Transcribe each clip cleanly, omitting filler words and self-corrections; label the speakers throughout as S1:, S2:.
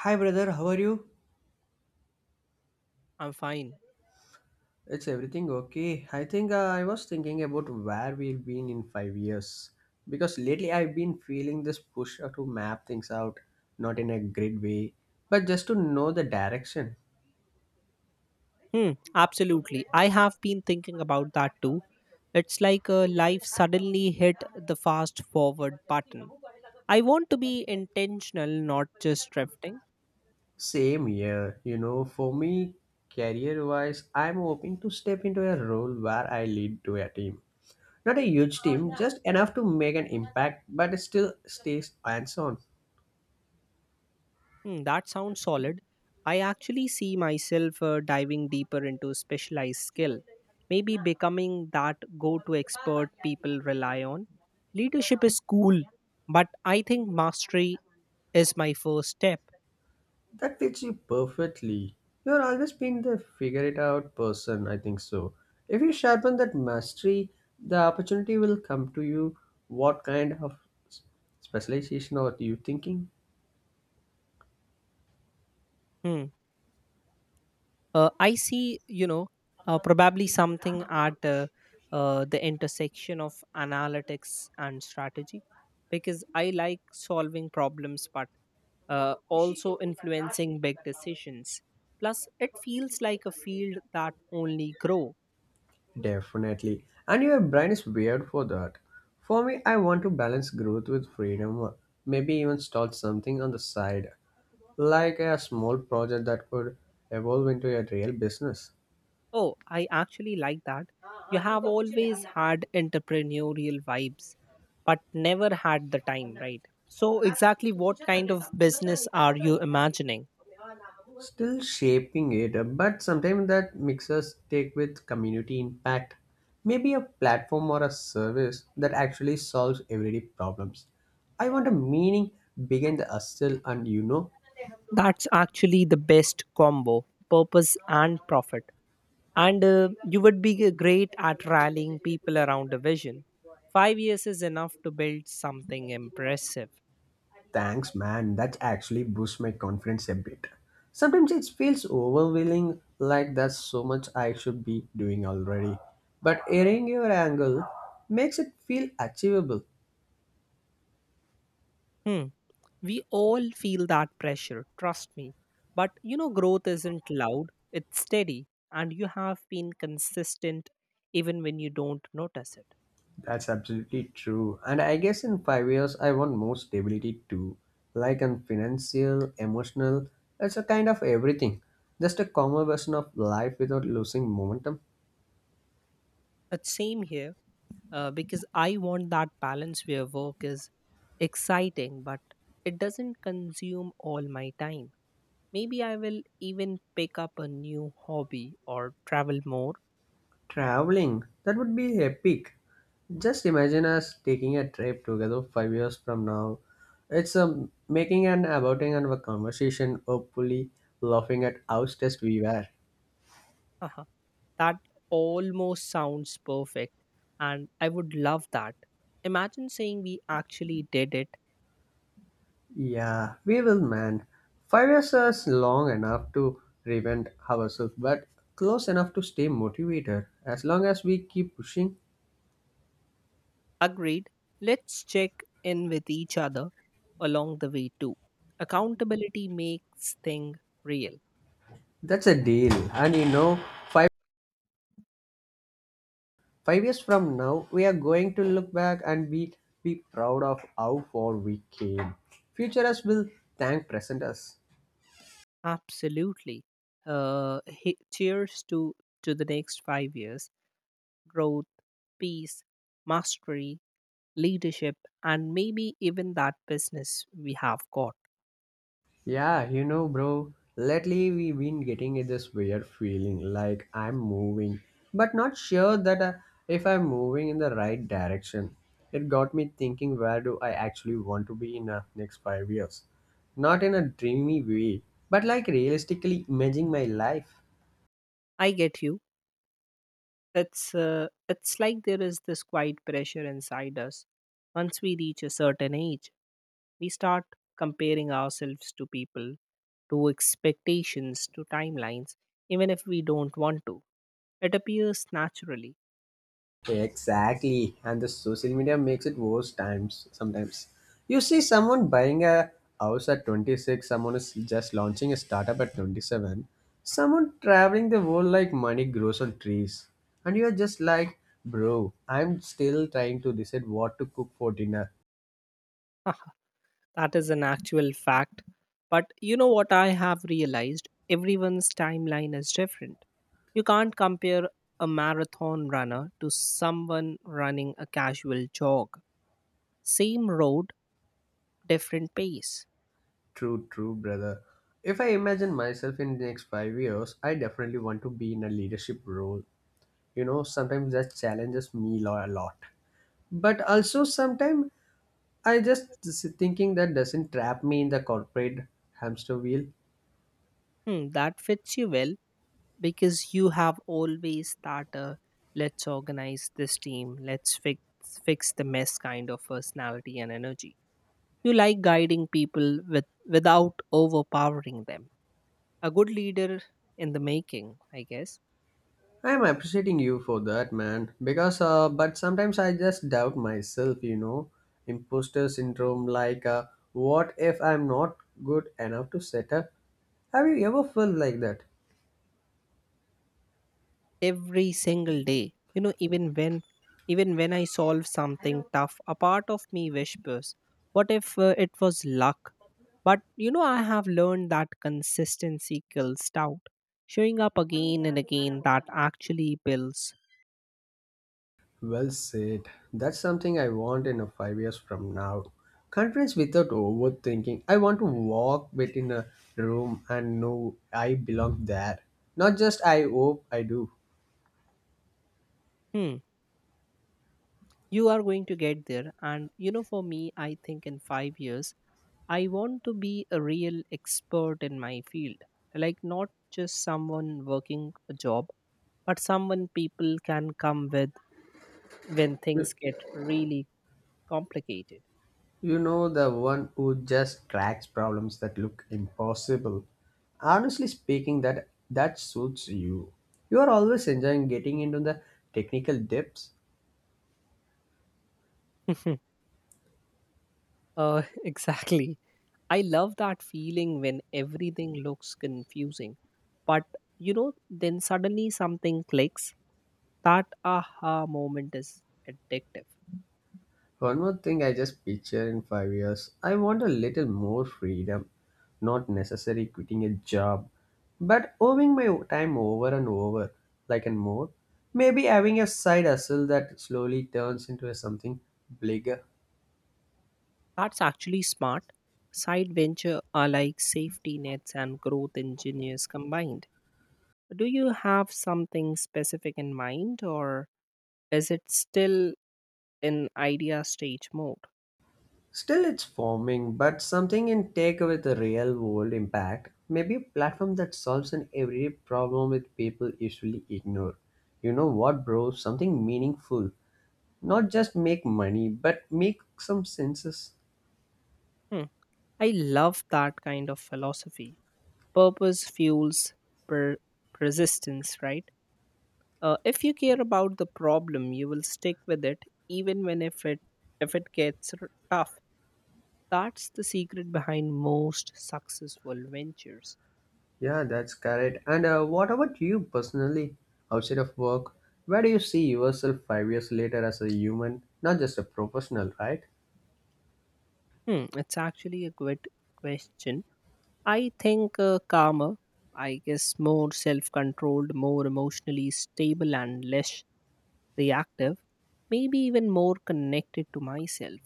S1: Hi brother, how are you?
S2: I'm fine.
S1: It's everything okay. I think I was thinking about where we've been in 5 years because lately I've been feeling this push to map things out, not in a grid way, but just to know the direction.
S2: Hmm, absolutely. I have been thinking about that too. It's like life suddenly hit the fast forward button. I want to be intentional, not just drifting.
S1: Same here, you know, for me, career wise, I'm hoping to step into a role where I lead to a team. Not a huge team, just enough to make an impact, but still stays hands on.
S2: Hmm, that sounds solid. I actually see myself diving deeper into specialized skill, maybe becoming that go to expert people rely on. Leadership is cool, but I think mastery is my first step.
S1: That fits you perfectly. You're always been the figure it out person, I think so. If you sharpen that mastery, the opportunity will come to you. What kind of s- specialization are you thinking?
S2: Hmm. I see probably something at the intersection of analytics and strategy because I like solving problems, but also influencing big decisions. Plus it feels like a field that only grow.
S1: Definitely. And your brain is weird for that. For me, I want to balance growth with freedom. Maybe even start something on the side, like a small project that could evolve into a real business.
S2: Oh, I actually like that. You have always had entrepreneurial vibes but never had the time, right? So exactly what kind of business are you imagining?
S1: Still shaping it but sometimes that mixers take with community impact, maybe a platform or a service that actually solves everyday problems. I want a meaning behind the hustle and you know
S2: That's actually the best combo, purpose and profit. And you would be great at rallying people around a vision. 5 years is enough to build something impressive.
S1: Thanks man, that actually boosts my confidence a bit. Sometimes it feels overwhelming, like that's so much I should be doing already, but hearing your angle makes it feel achievable.
S2: Hmm. We all feel that pressure, trust me. But you know, growth isn't loud, it's steady, and you have been consistent even when you don't notice it.
S1: That's absolutely true. And I guess in 5 years, I want more stability too. Like in financial, emotional, it's a kind of everything. Just a calmer version of life without losing momentum.
S2: It's same here. Because I want that balance where work is exciting, but it doesn't consume all my time. Maybe I will even pick up a new hobby or travel more.
S1: Traveling, that would be epic. Just imagine us taking a trip together 5 years from now. It's making an about and a conversation, hopefully laughing at how stressed we were.
S2: Haha, that almost sounds perfect, and I would love that. Imagine saying we actually did it.
S1: Yeah, we will, man. 5 years is long enough to reinvent ourselves, but close enough to stay motivated. As long as we keep pushing,
S2: Agreed. Let's check in with each other along the way, too. Accountability makes thing real.
S1: that's a deal. And you know, five five years from now, we are going to look back and be proud of how far we came. Future us will thank present us.
S2: Absolutely. Cheers to the next 5 years: growth, peace, mastery, leadership, and maybe even that business we have got.
S1: Yeah, you know, bro, lately we've been getting this weird feeling like I'm moving, but not sure that if I'm moving in the right direction. It got me thinking, where do I actually want to be in the next 5 years? Not in a dreamy way, but like realistically imaging my life.
S2: I get you. It's like there is this quiet pressure inside us. Once we reach a certain age, we start comparing ourselves to people, to expectations, to timelines, even if we don't want to. It appears naturally.
S1: Exactly. And the social media makes it worse times sometimes. You see someone buying a house at 26, someone is just launching a startup at 27, someone traveling the world like money grows on trees. And you're just like, bro, I'm still trying to decide what to cook for dinner.
S2: That is an actual fact. But you know what I have realized? Everyone's timeline is different. You can't compare a marathon runner to someone running a casual jog. Same road, different pace.
S1: True, true, brother. If I imagine myself in the next 5 years, I definitely want to be in a leadership role. You know, sometimes that challenges me a lot. But also sometimes I just thinking that doesn't trap me in the corporate hamster wheel.
S2: Hmm, that fits you well because you have always that let's organize this team, fix the mess kind of personality and energy. You like guiding people with, without overpowering them, a good leader in the making, I guess.
S1: I am appreciating you for that, man. Because, but sometimes I just doubt myself, you know, imposter syndrome. Like, what if I'm not good enough to set up? Have you ever felt like that?
S2: Every single day, you know, even when I solve something tough, a part of me whispers what if it was luck. But you know, I have learned that consistency kills doubt. Showing up again and again, that actually builds.
S1: Well said. That's something I want in a 5 years from now. Confidence without overthinking. I want to walk within a room and know I belong there. Not just I hope I do.
S2: Hmm, you are going to get there. And you know, for me, I think in 5 years I want to be a real expert in my field. Like not just someone working a job, but someone people can come with when things get really complicated.
S1: You know, the one who just cracks problems that look impossible. Honestly speaking, that suits you. You are always enjoying getting into the technical depths.
S2: Exactly. I love that feeling when everything looks confusing, but you know, then suddenly something clicks. That aha moment is addictive.
S1: One more thing I just picture in 5 years. I want a little more freedom. Not necessarily quitting a job, but owing my time over and over, like and more. Maybe having a side hustle that slowly turns into something bigger.
S2: That's actually smart. Side venture are like safety nets and growth engineers combined. Do you have something specific in mind, or is it still in idea stage mode?
S1: Still, it's forming, but something in tech with a real world impact. Maybe a platform that solves an everyday problem with people usually ignore. You know what, bro? Something meaningful. Not just make money, but make some senses.
S2: Hmm. I love that kind of philosophy. Purpose fuels per- persistence, right? If you care about the problem, you will stick with it even when if it gets tough. That's the secret behind most successful ventures.
S1: Yeah, that's correct. And what about you personally, outside of work? Where do you see yourself 5 years later as a human, not just a professional, right?
S2: Hmm, it's actually a good question. I think calmer, I guess, more self-controlled, more emotionally stable, and less reactive, maybe even more connected to myself.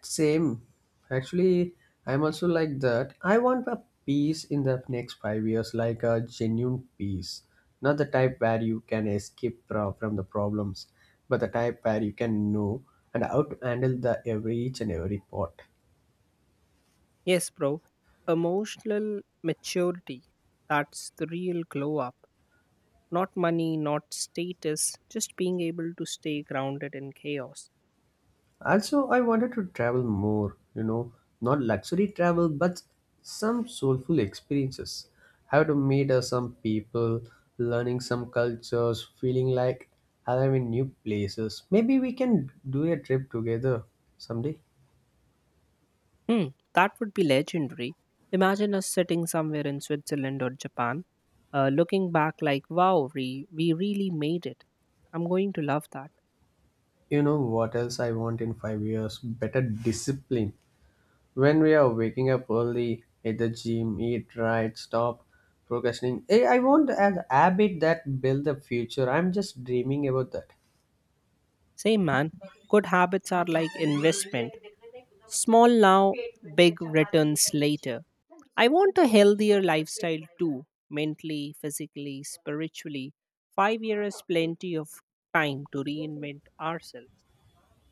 S1: Same. Actually, I'm also like that. I want a peace in the next 5 years, like a genuine peace. Not the type where you can escape from the problems, but the type where you can know and how to handle the every each and every part.
S2: Yes, bro, emotional maturity. That's the real glow up. Not money, not status, just being able to stay grounded in chaos.
S1: Also, I wanted to travel more, you know, not luxury travel, but some soulful experiences. How to meet some people, learning some cultures, feeling like I'm in new places. Maybe we can do a trip together someday.
S2: Hmm, that would be legendary. Imagine us sitting somewhere in Switzerland or Japan, looking back like, wow, we really made it. I'm going to love that.
S1: You know what else I want in 5 years? Better discipline. When we are waking up early, at the gym, eat right, stop procrastinating. Eh, I want an habit that build the future. I'm just dreaming about that.
S2: Same man, good habits are like investment. Small now, big returns later. I want a healthier lifestyle too, mentally, physically, spiritually. 5 years is plenty of time to reinvent ourselves.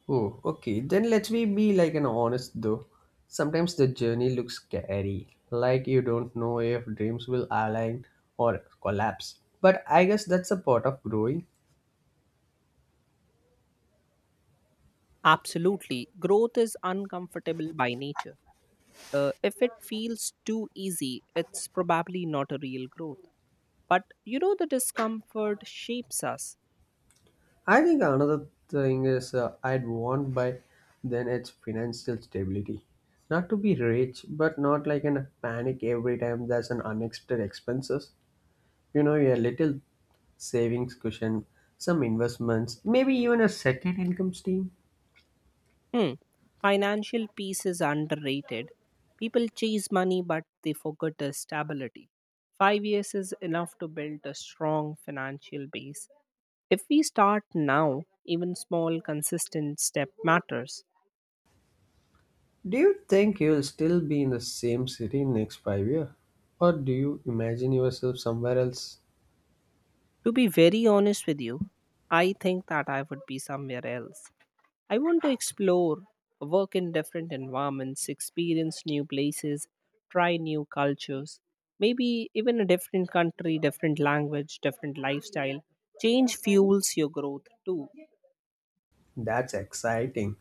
S1: Oh, okay. Then let me be like an honest though. Sometimes the journey looks scary, like you don't know if dreams will align or collapse. But I guess that's a part of growing.
S2: Absolutely. Growth is uncomfortable by nature. If it feels too easy, it's probably not a real growth. But you know, the discomfort shapes us.
S1: I think another thing is I'd want by then it's financial stability. Not to be rich, but not like in a panic every time there's an unexpected expenses. You know, your little savings cushion, some investments, maybe even a second income stream.
S2: Hmm. Financial peace is underrated. People chase money, but they forget the stability. 5 years is enough to build a strong financial base. If we start now, even small, consistent step matters.
S1: Do you think you'll still be in the same city next 5 year, or do you imagine yourself somewhere else?
S2: To be very honest with you, I think that I would be somewhere else. I want to explore, work in different environments, experience new places, try new cultures, maybe even a different country, different language, different lifestyle. Change fuels your growth too.
S1: That's exciting.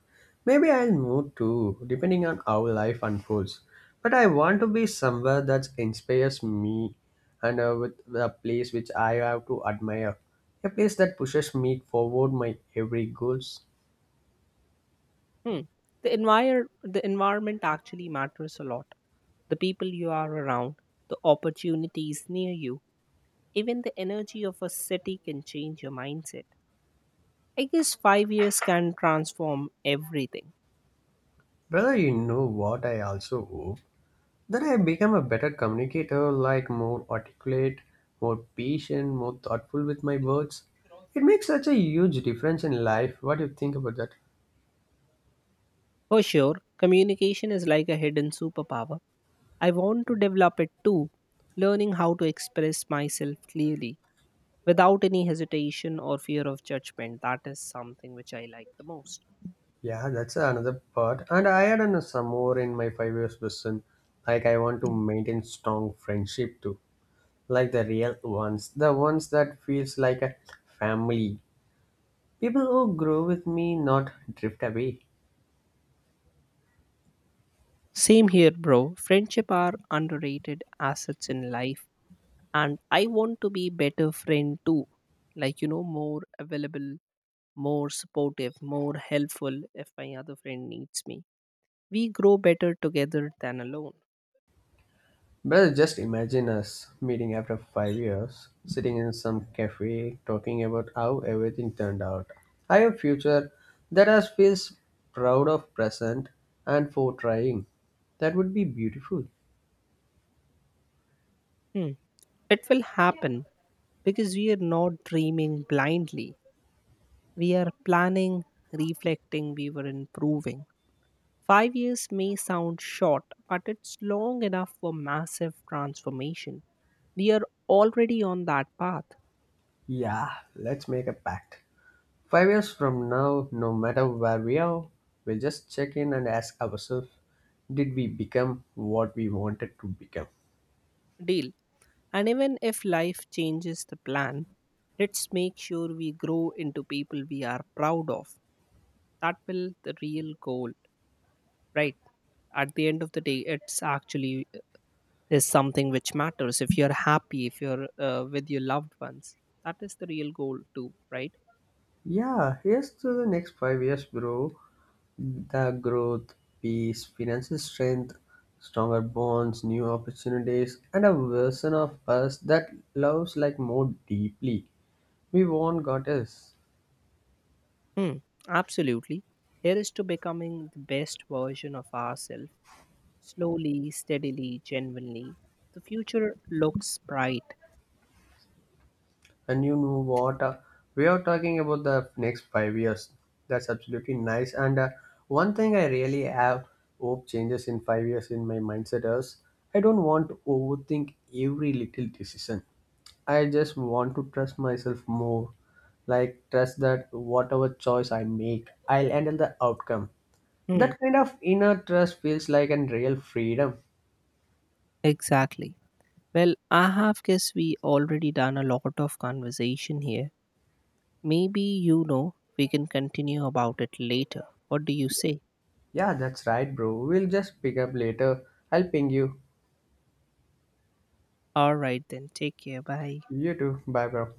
S1: Maybe I'll move too, depending on how life unfolds. But I want to be somewhere that inspires me and with a place which I have to admire. A place that pushes me forward my every goals.
S2: Hmm. The environment actually matters a lot. The people you are around, the opportunities near you, even the energy of a city can change your mindset. I guess 5 years can transform everything.
S1: Brother, you know what I also hope? Then I become a better communicator, like more articulate, more patient, more thoughtful with my words. It makes such a huge difference in life. What do you think about that?
S2: For sure, communication is like a hidden superpower. I want to develop it too, learning how to express myself clearly without any hesitation or fear of judgment. That is something which I like the most.
S1: Yeah, that's another part. And I had an, some more in my 5 years vision. Like I want to maintain strong friendship too. Like the real ones. The ones that feels like a family. People who grow with me not drift away.
S2: Same here, bro. Friendship are underrated assets in life, and I want to be better friend too. Like you know, more available, more supportive, more helpful if my other friend needs me. We grow better together than alone.
S1: Well, just imagine us meeting after 5 years, sitting in some cafe, talking about how everything turned out. I have future that us feels proud of present and for trying. That would be beautiful.
S2: Hmm. It will happen because we are not dreaming blindly. We are planning, reflecting, we were improving. 5 years may sound short, but it's long enough for massive transformation. We are already on that path.
S1: Yeah, let's make a pact. 5 years from now, no matter where we are, we'll just check in and ask ourselves, did we become what we wanted to become?
S2: Deal. And even if life changes the plan, let's make sure we grow into people we are proud of. That will the real goal, right? At the end of the day, it's actually is something which matters, if you're happy, if you're with your loved ones, that is the real goal too, right?
S1: Yeah, here's to the next 5 years, bro. The growth, peace, financial strength, stronger bonds, new opportunities, and a version of us that loves like more deeply. We want goddess.
S2: Hmm, absolutely. Here is to becoming the best version of ourselves, slowly, steadily, genuinely. The future looks bright.
S1: And you know what? We are talking about the next 5 years. That's absolutely nice. And one thing I really have hope changes in 5 years in my mindset is I don't want to overthink every little decision. I just want to trust myself more. Like, trust that whatever choice I make, I'll handle the outcome.
S2: Hmm,
S1: That kind of inner trust feels like a real freedom.
S2: exactly. Well, I have guess we already done a lot of conversation here. Maybe, you know, we can continue about it later. What do you say?
S1: Yeah, that's right, bro. We'll just pick up later. I'll ping you.
S2: All right then, take care, bye.
S1: You too. Bye, bro.